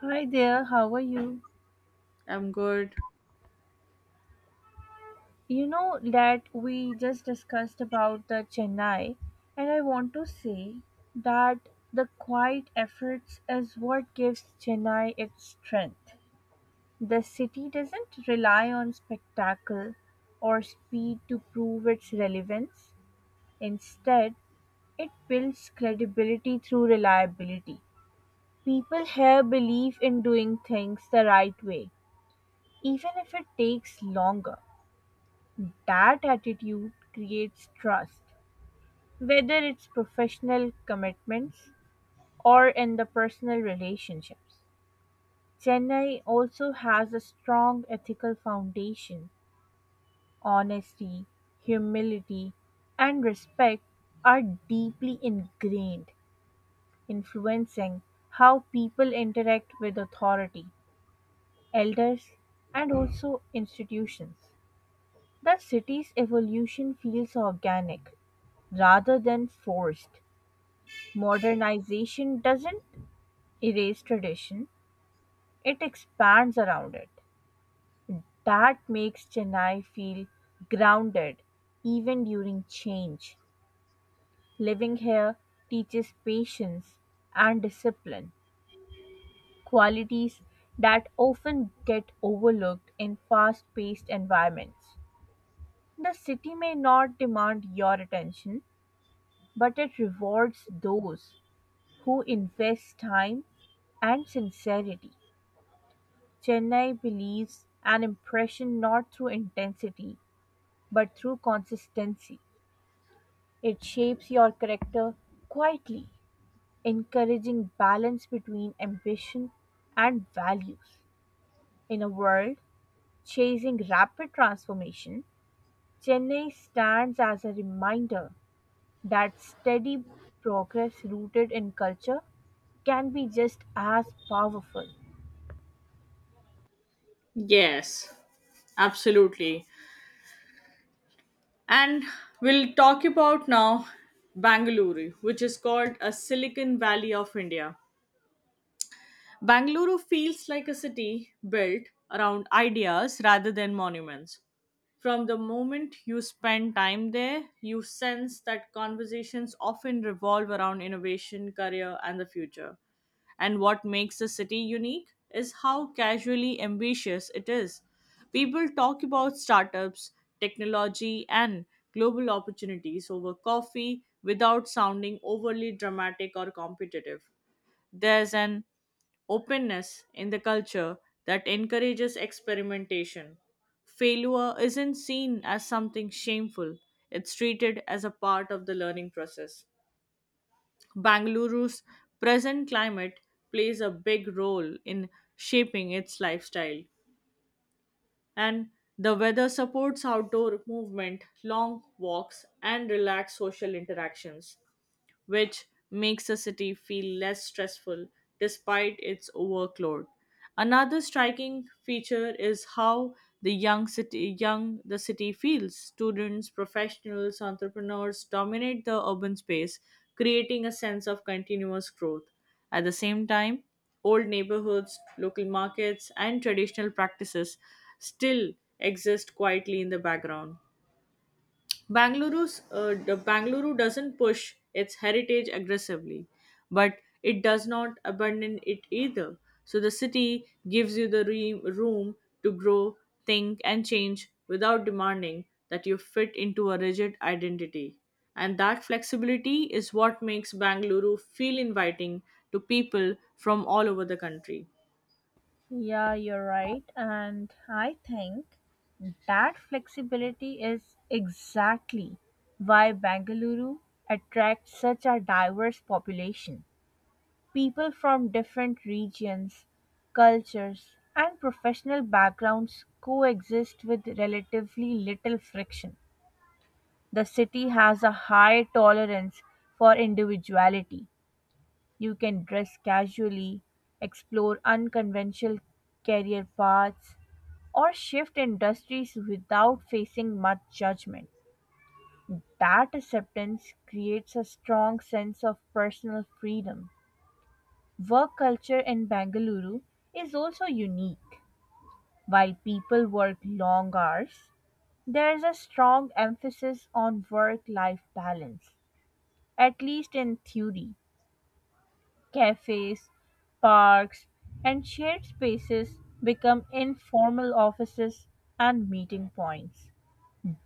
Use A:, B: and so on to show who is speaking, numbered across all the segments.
A: Hi there, how are you?
B: I'm good.
A: You know that we just discussed about the Chennai, and I want to say that the quiet efforts is what gives Chennai its strength. The city doesn't rely on spectacle or speed to prove its relevance. Instead, it builds credibility through reliability. People here believe in doing things the right way, even if it takes longer. That attitude creates trust, whether it's professional commitments or in the personal relationships. Chennai also has a strong ethical foundation. Honesty, humility, and respect are deeply ingrained, influencing how people interact with authority, elders, and also institutions. The city's evolution feels organic rather than forced. Modernization doesn't erase tradition, it expands around it. That makes Chennai feel grounded even during change. Living here teaches patience and discipline, qualities that often get overlooked in fast paced environments. The city may not demand your attention, but it rewards those who invest time and sincerity. Chennai believes an impression not through intensity but through consistency. It shapes your character quietly, encouraging balance between ambition and values. In a world chasing rapid transformation, Chennai stands as a reminder that steady progress rooted in culture can be just as powerful.
B: Yes, absolutely. And we'll talk about now Bangalore, which is called a Silicon Valley of India. Bangalore feels like a city built around ideas rather than monuments. From the moment you spend time there, you sense that conversations often revolve around innovation, career, and the future. And what makes the city unique is how casually ambitious it is. People talk about startups, technology, and global opportunities over coffee without sounding overly dramatic or competitive. There's an openness in the culture that encourages experimentation. Failure isn't seen as something shameful, it's treated as a part of the learning process. Bangaluru's present climate plays a big role in shaping its lifestyle, and the weather supports outdoor movement, long walks, and relaxed social interactions which makes a city feel less stressful despite its workload. Another striking feature is how the city feels. Students, professionals, entrepreneurs dominate the urban space, creating a sense of continuous growth. At the same time, old neighborhoods, local markets, and traditional practices still exist quietly in the background. Bangaluru's the Bangalore doesn't push its heritage aggressively, but it does not abandon it either. So the city gives you the room to grow, think, and change without demanding that you fit into a rigid identity. And that flexibility is what makes Bangalore feel inviting to people from all over the country.
A: Yeah, you're right. And I think that flexibility is exactly why Bengaluru attracts such a diverse population. People from different regions, cultures, and professional backgrounds coexist with relatively little friction. The city has a high tolerance for individuality. You can dress casually, explore unconventional career paths, or shift industries without facing much judgment. That acceptance creates a strong sense of personal freedom. Work culture in Bengaluru is also unique. While people work long hours, there is a strong emphasis on work life balance, at least in theory. Cafes, parks, and shared spaces become informal offices and meeting points.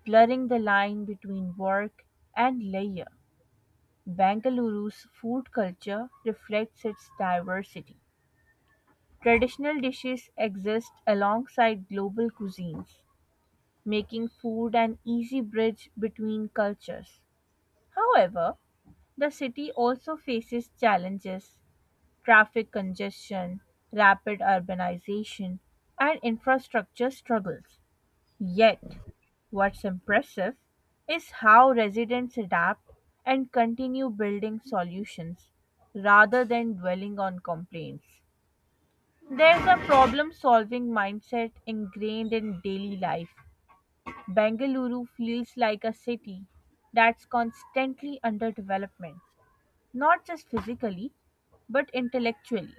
A: Blurring the line between work and leisure, Bengaluru's food culture reflects its diversity. Traditional dishes exist alongside global cuisines, making food an easy bridge between cultures. However, the city also faces challenges traffic congestion, rapid urbanization, and infrastructure struggles. Yet, what's impressive is how residents adapt and continue building solutions rather than dwelling on complaints. There's a problem solving mindset ingrained in daily life. Bengaluru feels like a city that's constantly under development, not just physically, but intellectually.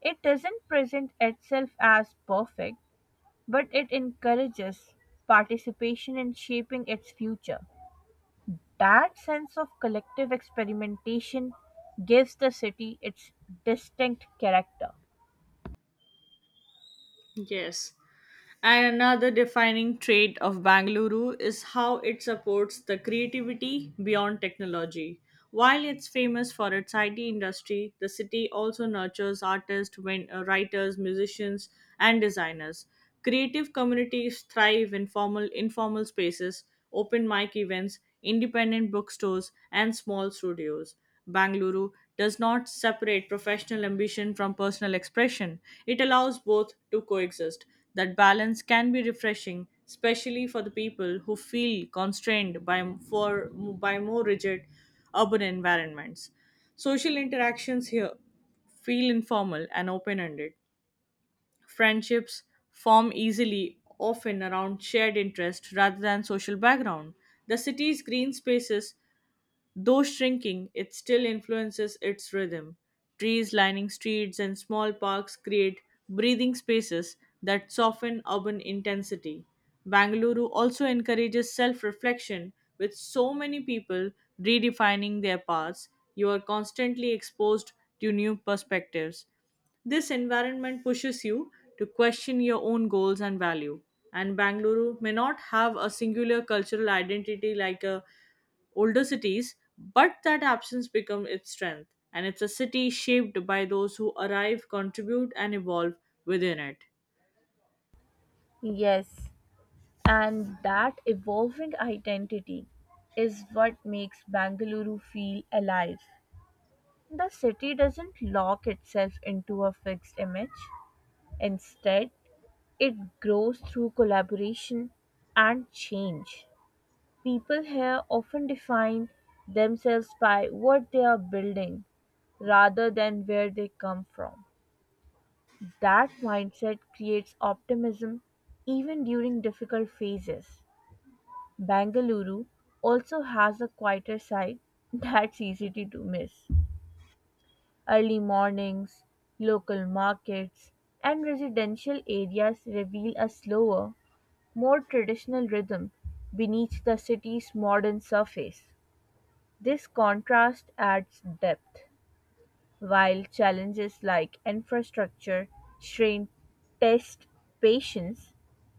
A: It doesn't present itself as perfect but it encourages participation in shaping its future. That sense of collective experimentation gives the city its distinct character.
B: Yes. And another defining trait of Bangalore is how it supports the creativity beyond technology. While it's famous for its IT industry, the city also nurtures artists, writers, musicians, and designers. Creative communities thrive in formal, informal spaces, open mic events, independent bookstores, and small studios. Bangalore does not separate professional ambition from personal expression, it allows both to coexist. That balance can be refreshing, especially for the people who feel constrained by, by more rigid urban environments. Social interactions here feel informal and open ended. Friendships form easily, often around shared interest rather than social background. The city's green spaces, though shrinking, it still influences its rhythm. Trees lining streets and small parks create breathing spaces that soften urban intensity. Bangalore also encourages self reflection. With so many people redefining their paths, you are constantly exposed to new perspectives. This environment pushes you to question your own goals and value. And Bangalore may not have a singular cultural identity like a older cities, but that absence becomes its strength, and it's a city shaped by those who arrive, contribute, and evolve within it.
A: Yes, and that evolving identity is what makes Bangalore feel alive. The city doesn't lock itself into a fixed image. Instead, it grows through collaboration and change. People here often define themselves by what they are building rather than where they come from. That mindset creates optimism even during difficult phases. Bangalore also has a quieter side that's easy to do miss. Early mornings, local markets, and residential areas reveal a slower, more traditional rhythm beneath the city's modern surface. This contrast adds depth, while challenges like infrastructure strain test patience.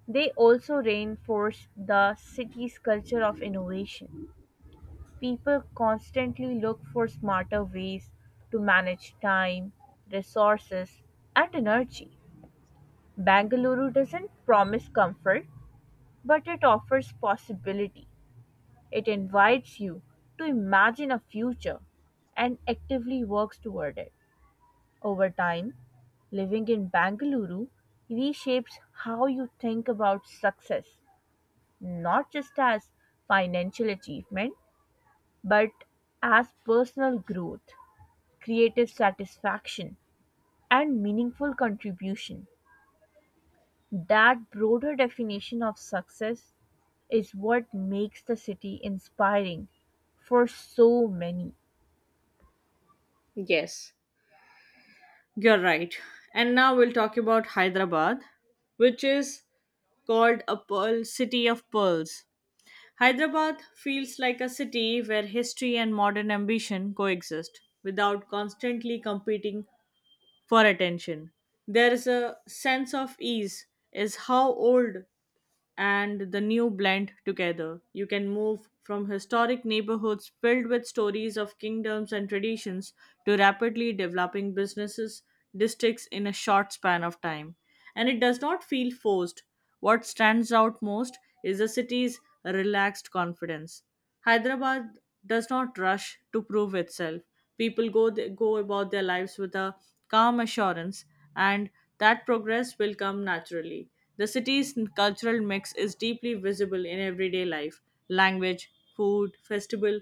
A: They also reinforce the city's culture of innovation. People constantly look for smarter ways to manage time, resources, and energy. Bangalore doesn't promise comfort, but it offers possibility. It invites you to imagine a future and actively works toward it. Over time, living in Bangalore reshapes how you think about success, not just as financial achievement, but as personal growth, creative satisfaction, and meaningful contribution. That broader definition of success is what makes the city inspiring for so many.
B: Yes. You're right. And now we'll talk about Hyderabad, which is called a pearl city of pearls. Hyderabad feels like a city where history and modern ambition coexist without constantly competing for attention. There is a sense of ease is how old and the new blend together. You can move from historic neighborhoods filled with stories of kingdoms and traditions to rapidly developing businesses, districts in a short span of time. And it does not feel forced. What stands out most is the city's relaxed confidence. Hyderabad does not rush to prove itself. People go about their lives with a calm assurance, and that progress will come naturally. The city's cultural mix is deeply visible in everyday life: language, food, festival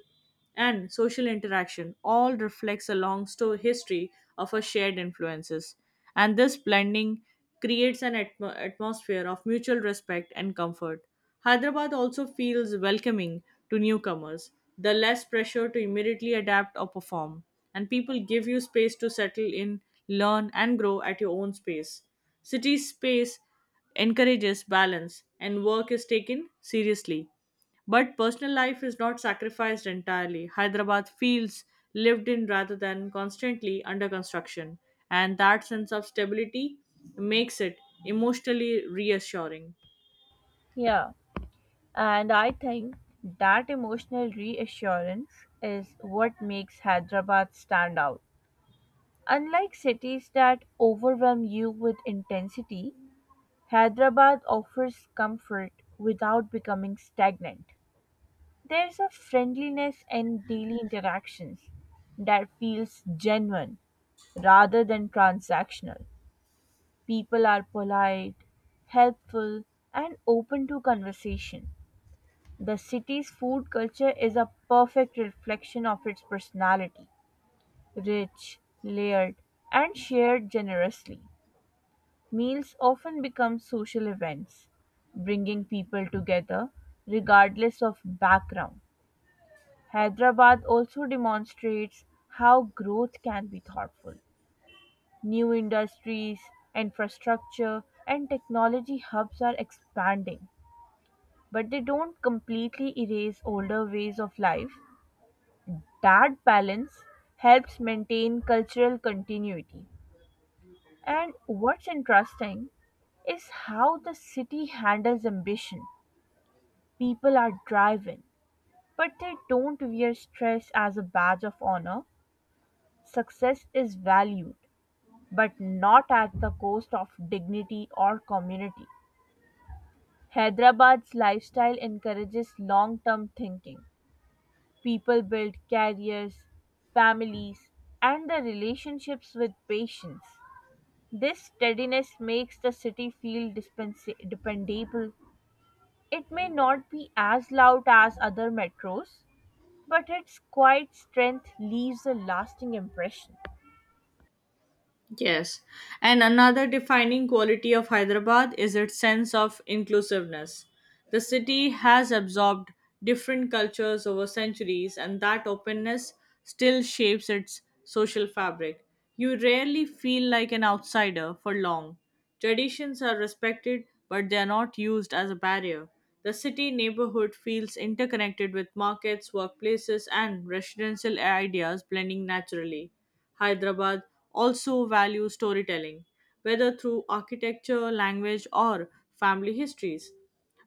B: and social interaction all reflects a long history of our shared influences, and this blending creates an atmosphere of mutual respect and comfort. Hyderabad also feels welcoming to newcomers, the less pressure to immediately adapt or perform, and people give you space to settle in, learn and grow at your own space. City space encourages balance and work is taken seriously, but personal life is not sacrificed entirely. Hyderabad feels lived in rather than constantly under construction, and that sense of stability makes it emotionally reassuring.
A: Yeah. And I think that emotional reassurance is what makes Hyderabad stand out. Unlike cities that overwhelm you with intensity, Hyderabad offers comfort without becoming stagnant. There's a friendliness in daily interactions that feels genuine rather than transactional. People are polite, helpful, and open to conversation. The city's food culture is a perfect reflection of its personality: rich, layered, and shared generously. Meals often become social events, bringing people together regardless of background. Hyderabad also demonstrates how growth can be thoughtful. New industries, infrastructure, and technology hubs are expanding, but they don't completely erase older ways of life. That balance helps maintain cultural continuity. And what's interesting is how the city handles ambition. People are driven, but they don't wear stress as a badge of honor. Success is valued, but not at the cost of dignity or community. Hyderabad's lifestyle encourages long term thinking. People build careers, families, and their relationships with patience. This steadiness makes the city feel dependable. It may not be as loud as other metros, but its quiet strength leaves a lasting impression.
B: Yes. And another defining quality of Hyderabad is its sense of inclusiveness. The city has absorbed different cultures over centuries, and that openness still shapes its social fabric. You rarely feel like an outsider for long. Traditions are respected, but they are not used as a barrier. The city neighborhood feels interconnected with markets, workplaces, and residential ideas blending naturally. Hyderabad also values storytelling, whether through architecture, language, or family histories.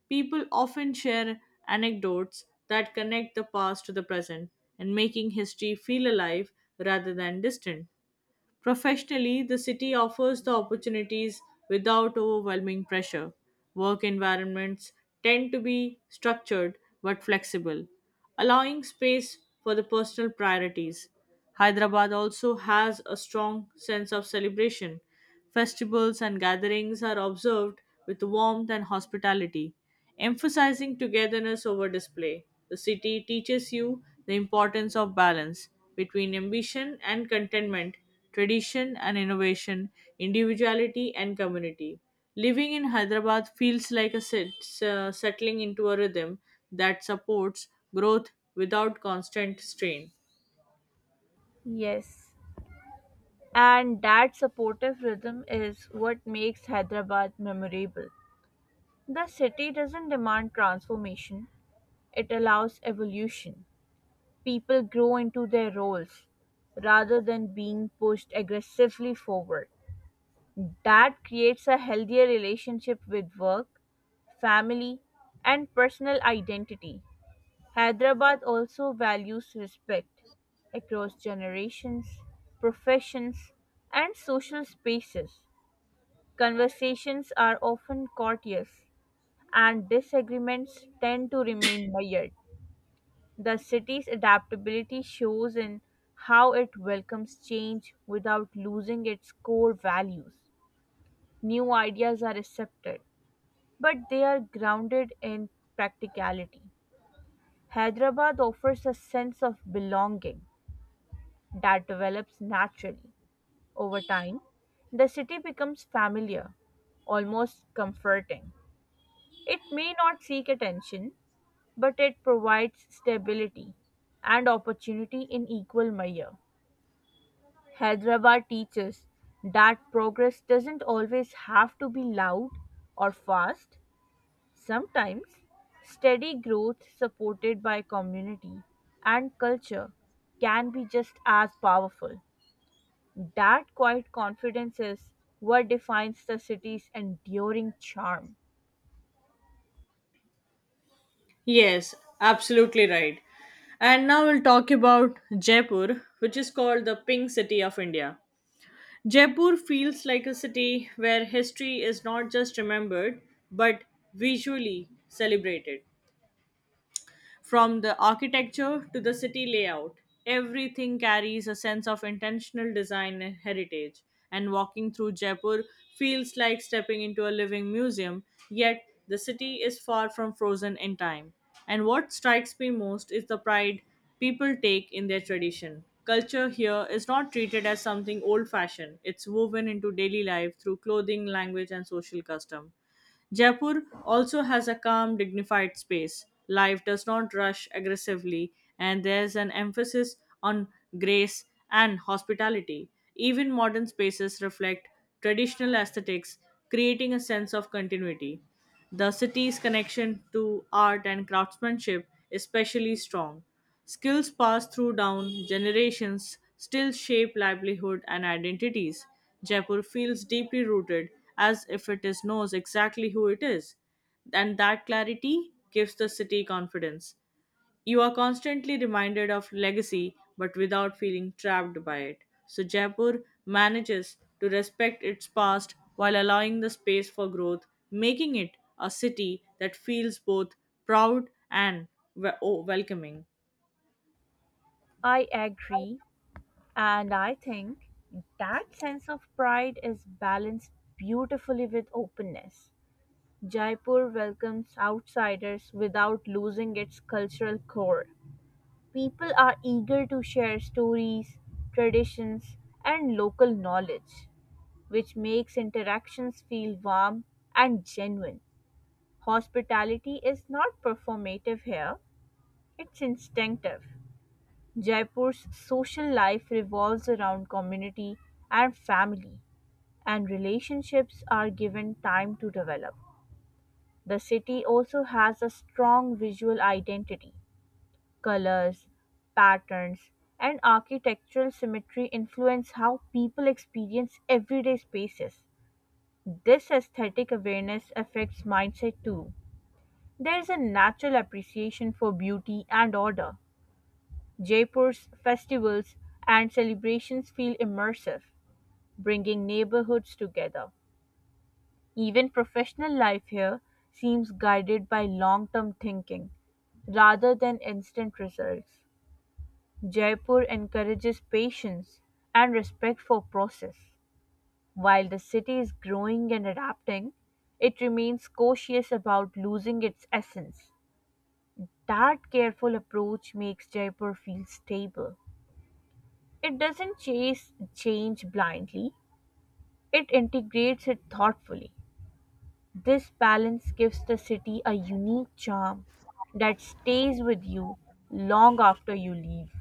B: People often share anecdotes that connect the past to the present and making history feel alive rather than distant. Professionally, the city offers the opportunities without overwhelming pressure. Work environments tend to be structured but flexible, allowing space for the personal priorities. Hyderabad also has a strong sense of celebration. Festivals and gatherings are observed with warmth and hospitality emphasizing togetherness over display. The city teaches you the importance of balance between ambition and contentment, tradition and innovation, individuality and community. Living in Hyderabad feels like settling into a rhythm that supports growth without constant strain.
A: Yes, and that supportive rhythm is what makes Hyderabad memorable. The city doesn't demand transformation, it allows evolution. People grow into their roles rather than being pushed aggressively forward. That creates a healthier relationship with work, family, and personal identity. Hyderabad also values respect across generations, professions, and social spaces. Conversations are often courteous, and disagreements tend to remain mild. The city's adaptability shows in how it welcomes change without losing its core values. New ideas are accepted, but they are grounded in practicality. Hyderabad offers a sense of belonging that develops naturally. Over time, the city becomes familiar, almost comforting. It may not seek attention, but it provides stability and opportunity in equal measure. Hyderabad teaches that progress doesn't always have to be loud or fast. Sometimes, steady growth supported by community and culture can be just as powerful. That quiet confidence is what defines the city's enduring charm.
B: Yes, absolutely right. And now we'll talk about Jaipur, which is called the Pink City of India. Jaipur feels like a city where history is not just remembered but visually celebrated. From the architecture to the city layout, everything carries a sense of intentional design and heritage. And walking through Jaipur feels like stepping into a living museum, yet, the city is far from frozen in time. And what strikes me most is the pride people take in their tradition. Culture here is not treated as something old fashioned, it's woven into daily life through clothing, language, and social custom. Jaipur also has a calm, dignified space. Life does not rush aggressively, and there's an emphasis on grace and hospitality. Even modern spaces reflect traditional aesthetics, creating a sense of continuity. The city's connection to art and craftsmanship is especially strong. Skills passed through down generations still shape livelihood and identities. Jaipur feels deeply rooted as if it is knows exactly who it is, and that clarity gives the city confidence. You are constantly reminded of legacy but without feeling trapped by it. So Jaipur manages to respect its past while allowing the space for growth, making it a city that feels both proud and welcoming.
A: I agree, and I think that sense of pride is balanced beautifully with openness. Jaipur welcomes outsiders without losing its cultural core. People are eager to share stories, traditions, and local knowledge, which makes interactions feel warm and genuine. Hospitality is not performative here, it's instinctive. Jaipur's social life revolves around community and family, and relationships are given time to develop. The city also has a strong visual identity colors, patterns, and architectural symmetry influence how people experience everyday spaces. This aesthetic awareness affects mindset too. There is a natural appreciation for beauty and order. Jaipur's festivals and celebrations feel immersive, bringing neighborhoods together. Even professional life here seems guided by long term thinking rather than instant results. Jaipur encourages patience and respect for process. While the city is growing and adapting, it remains cautious about losing its essence. That careful approach makes Jaipur feel stable. It doesn't chase change blindly, it integrates it thoughtfully. This balance gives the city a unique charm that stays with you long after you leave.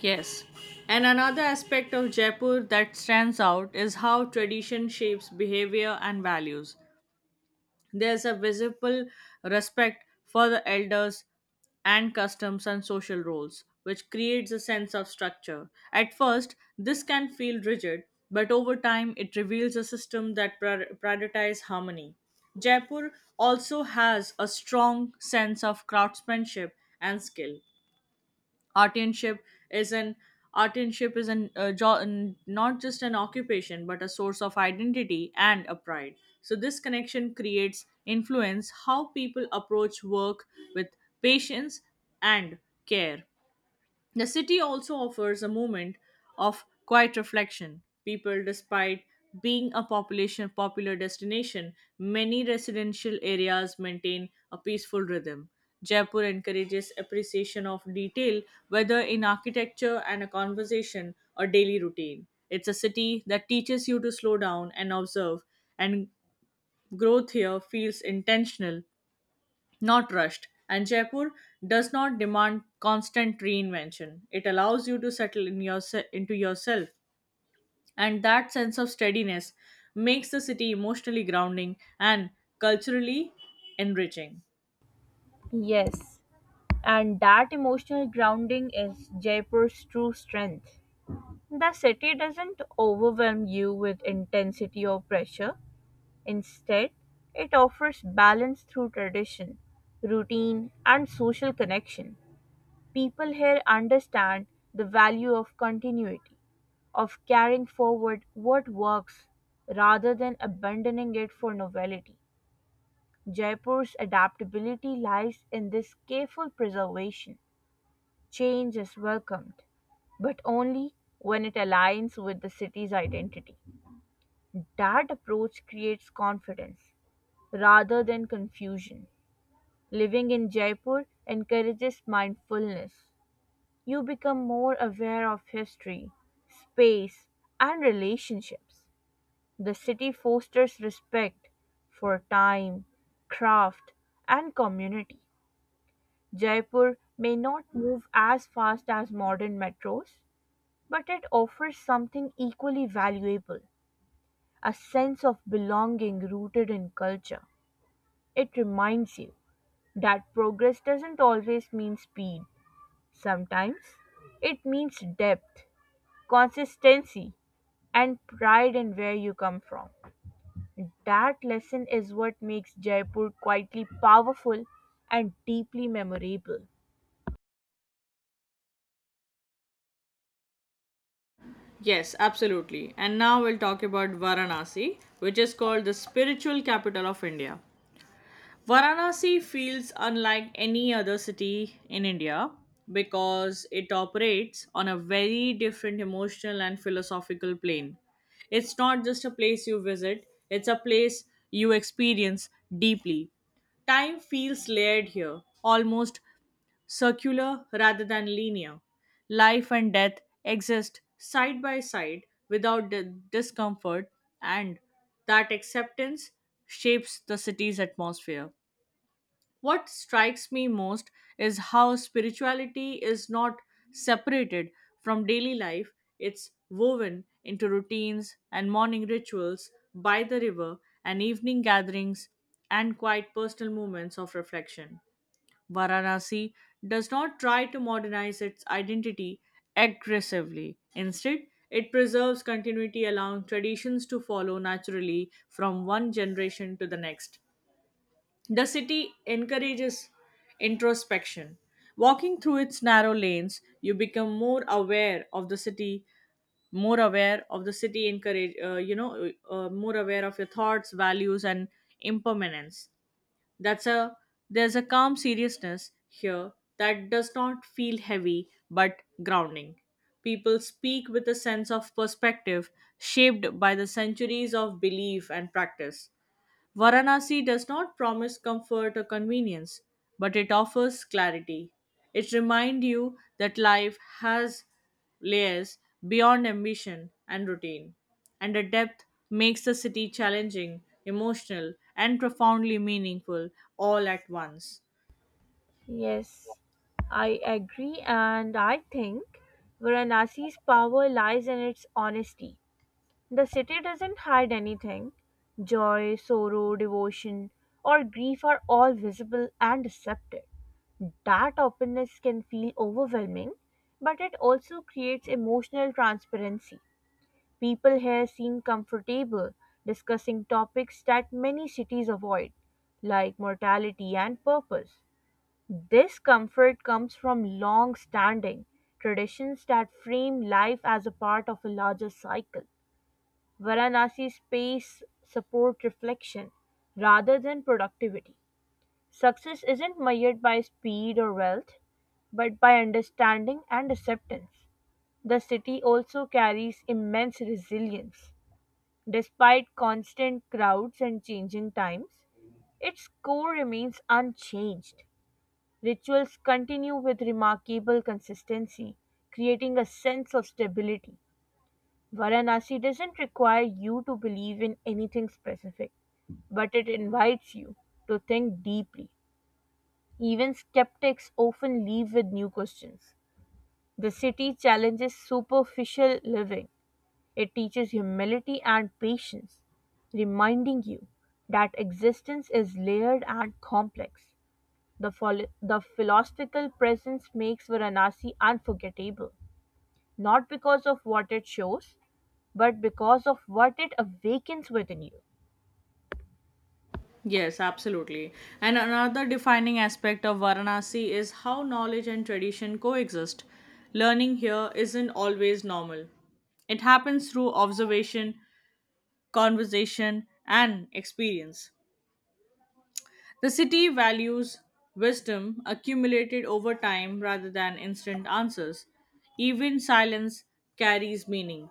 B: Yes. And another aspect of Jaipur that stands out is how tradition shapes behavior and values. There's a visible respect for the elders and customs and social roles, which creates a sense of structure. At first, this can feel rigid, but over time, it reveals a system that prioritizes harmony. Jaipur also has a strong sense of craftsmanship and skill. Artisanship is an Artisanship is an not just an occupation but a source of identity and a pride. So this connection creates influence how people approach work with patience and care. The city also offers a moment of quiet reflection. People, despite being a population popular destination, many residential areas maintain a peaceful rhythm. Jaipur encourages appreciation of detail, whether in architecture and a conversation or daily routine. It's a city that teaches you to slow down and observe, and growth here feels intentional not rushed. And Jaipur does not demand constant reinvention. It allows you to into yourself, and that sense of steadiness makes the city emotionally grounding and culturally enriching.
A: Yes, and that emotional grounding is Jaipur's true strength. The city doesn't overwhelm you with intensity or pressure. Instead, it offers balance through tradition, routine, and social connection. People here understand the value of continuity, of carrying forward what works rather than abandoning it for novelty. Jaipur's adaptability lies in this careful preservation. Change is welcomed, but only when it aligns with the city's identity. That approach creates confidence rather than confusion. Living in Jaipur encourages mindfulness. You become more aware of history, space, and relationships. The city fosters respect for time, craft, and community. Jaipur may not move as fast as modern metros, but it offers something equally valuable a sense of belonging rooted in culture. It reminds you that progress doesn't always mean speed, sometimes it means depth, consistency, and pride in where you come from. That lesson is what makes Jaipur quietly powerful and deeply memorable.
B: Yes, absolutely. And now we'll talk about Varanasi, which is called the spiritual capital of India. Varanasi feels unlike any other city in India because it operates on a very different emotional and philosophical plane. It's not just a place you visit, it's a place you experience deeply. Time feels layered here, almost circular rather than linear. Life and death exist side by side without the discomfort, and that acceptance shapes the city's atmosphere. What strikes me most is how spirituality is not separated from daily life, it's woven into routines and morning rituals by the river and evening gatherings and quiet personal moments of reflection. Varanasi does not try to modernize its identity aggressively. Instead, it preserves continuity, allowing traditions to follow naturally from one generation to the next. The city encourages introspection. Walking through its narrow lanes, you become more aware of the city, more aware of the city, more aware of your thoughts, values, and impermanence. That's a There's a calm seriousness here that does not feel heavy but grounding. People speak with a sense of perspective shaped by the centuries of belief and practice. Varanasi does not promise comfort or convenience, but it offers clarity. It reminds you that life has layers beyond ambition and routine, and the depth makes the city challenging, emotional, and profoundly meaningful all at once.
A: Yes, I agree, and I think Varanasi's power lies in its honesty. The city doesn't hide anything. Joy, sorrow, devotion, or grief are all visible and accepted. That openness can feel overwhelming, but it also creates emotional transparency. People here seem comfortable discussing topics that many cities avoid, like mortality and purpose. This comfort comes from long standing traditions that frame life as a part of a larger cycle. Varanasi space support reflection rather than productivity. Success isn't measured by speed or wealth, but by understanding and acceptance. The city also carries immense resilience. Despite constant crowds and changing times, its core remains unchanged. Rituals continue with remarkable consistency, creating a sense of stability. Varanasi doesn't require you to believe in anything specific, but it invites you to think deeply. Even skeptics often leave with new questions. The city challenges superficial living, it teaches humility and patience, reminding you that existence is layered and complex. The philosophical presence makes Varanasi unforgettable, not because of what it shows, but because of what it awakens within you.
B: Yes, absolutely. And another defining aspect of Varanasi is how knowledge and tradition coexist. Learning here isn't always normal, it happens through observation, conversation, and experience. The city values wisdom accumulated over time rather than instant answers. Even silence carries meaning.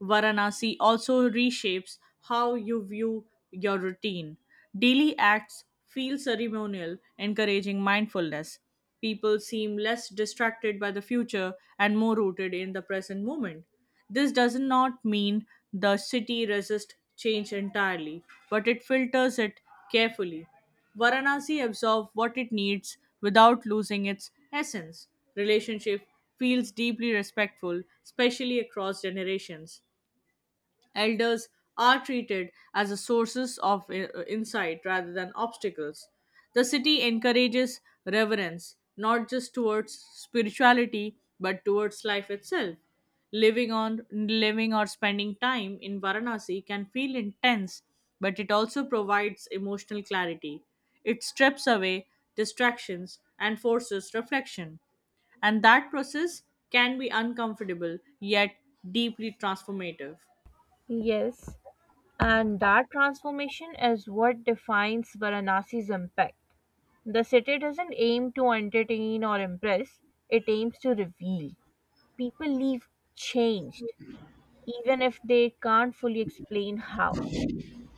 B: Varanasi also reshapes how you view your routine. Daily acts feel ceremonial, encouraging mindfulness. People seem less distracted by the future and more rooted in the present moment. This does not mean the city resists change entirely, but it filters it carefully. Varanasi absorbs what it needs without losing its essence. Relationship feels deeply respectful, especially across generations. Elders are treated as a sources of insight rather than obstacles. The city encourages reverence, not just towards spirituality, but towards life itself. Living on living or Spending time in Varanasi can feel intense, but it also provides emotional clarity. It strips away distractions and forces reflection, and that process can be uncomfortable yet deeply transformative.
A: Yes. And that transformation is what defines Varanasi's impact. The city doesn't aim to entertain or impress, it aims to reveal. People leave changed, even if they can't fully explain how.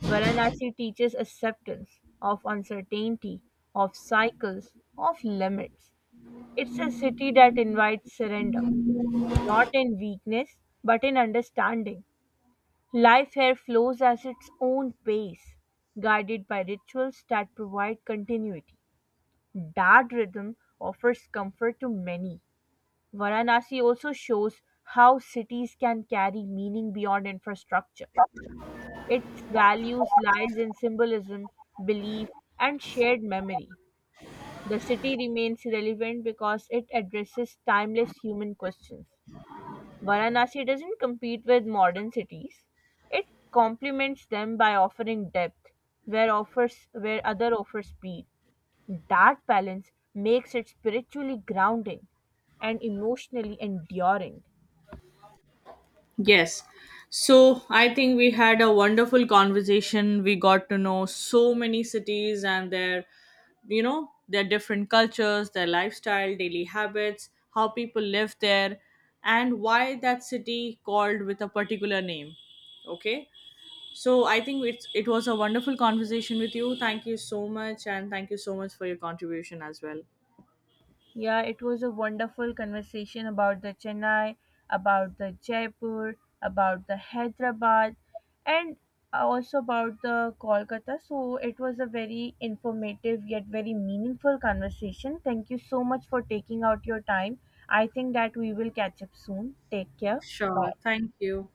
A: Varanasi teaches acceptance of uncertainty, of cycles, of limits. It's a city that invites surrender, not in weakness, but in understanding. Life here flows at its own pace, guided by rituals that provide continuity. That rhythm offers comfort to many. Varanasi also shows how cities can carry meaning beyond infrastructure. Its values lies in symbolism, belief, and shared memory. The city remains relevant because it addresses timeless human questions. Varanasi doesn't compete with modern cities. It complements them by offering depth where offers where other offer speed. That balance makes it spiritually grounding and emotionally enduring.
B: Yes. So I think we had a wonderful conversation. We got to know so many cities and their, you know, their different cultures, their lifestyle, daily habits, how people live there, and why that city called with a particular name. Okay. So I think it was a wonderful conversation with you. Thank you so much, and thank you so much for your contribution as well.
A: Yeah, it was a wonderful conversation about the Chennai, about the Jaipur, about the Hyderabad, and also about the Kolkata. So it was a very informative yet very meaningful conversation. Thank you so much for taking out your time. I think that we will catch up soon. Take care.
B: Sure.
A: Bye.
B: Thank you.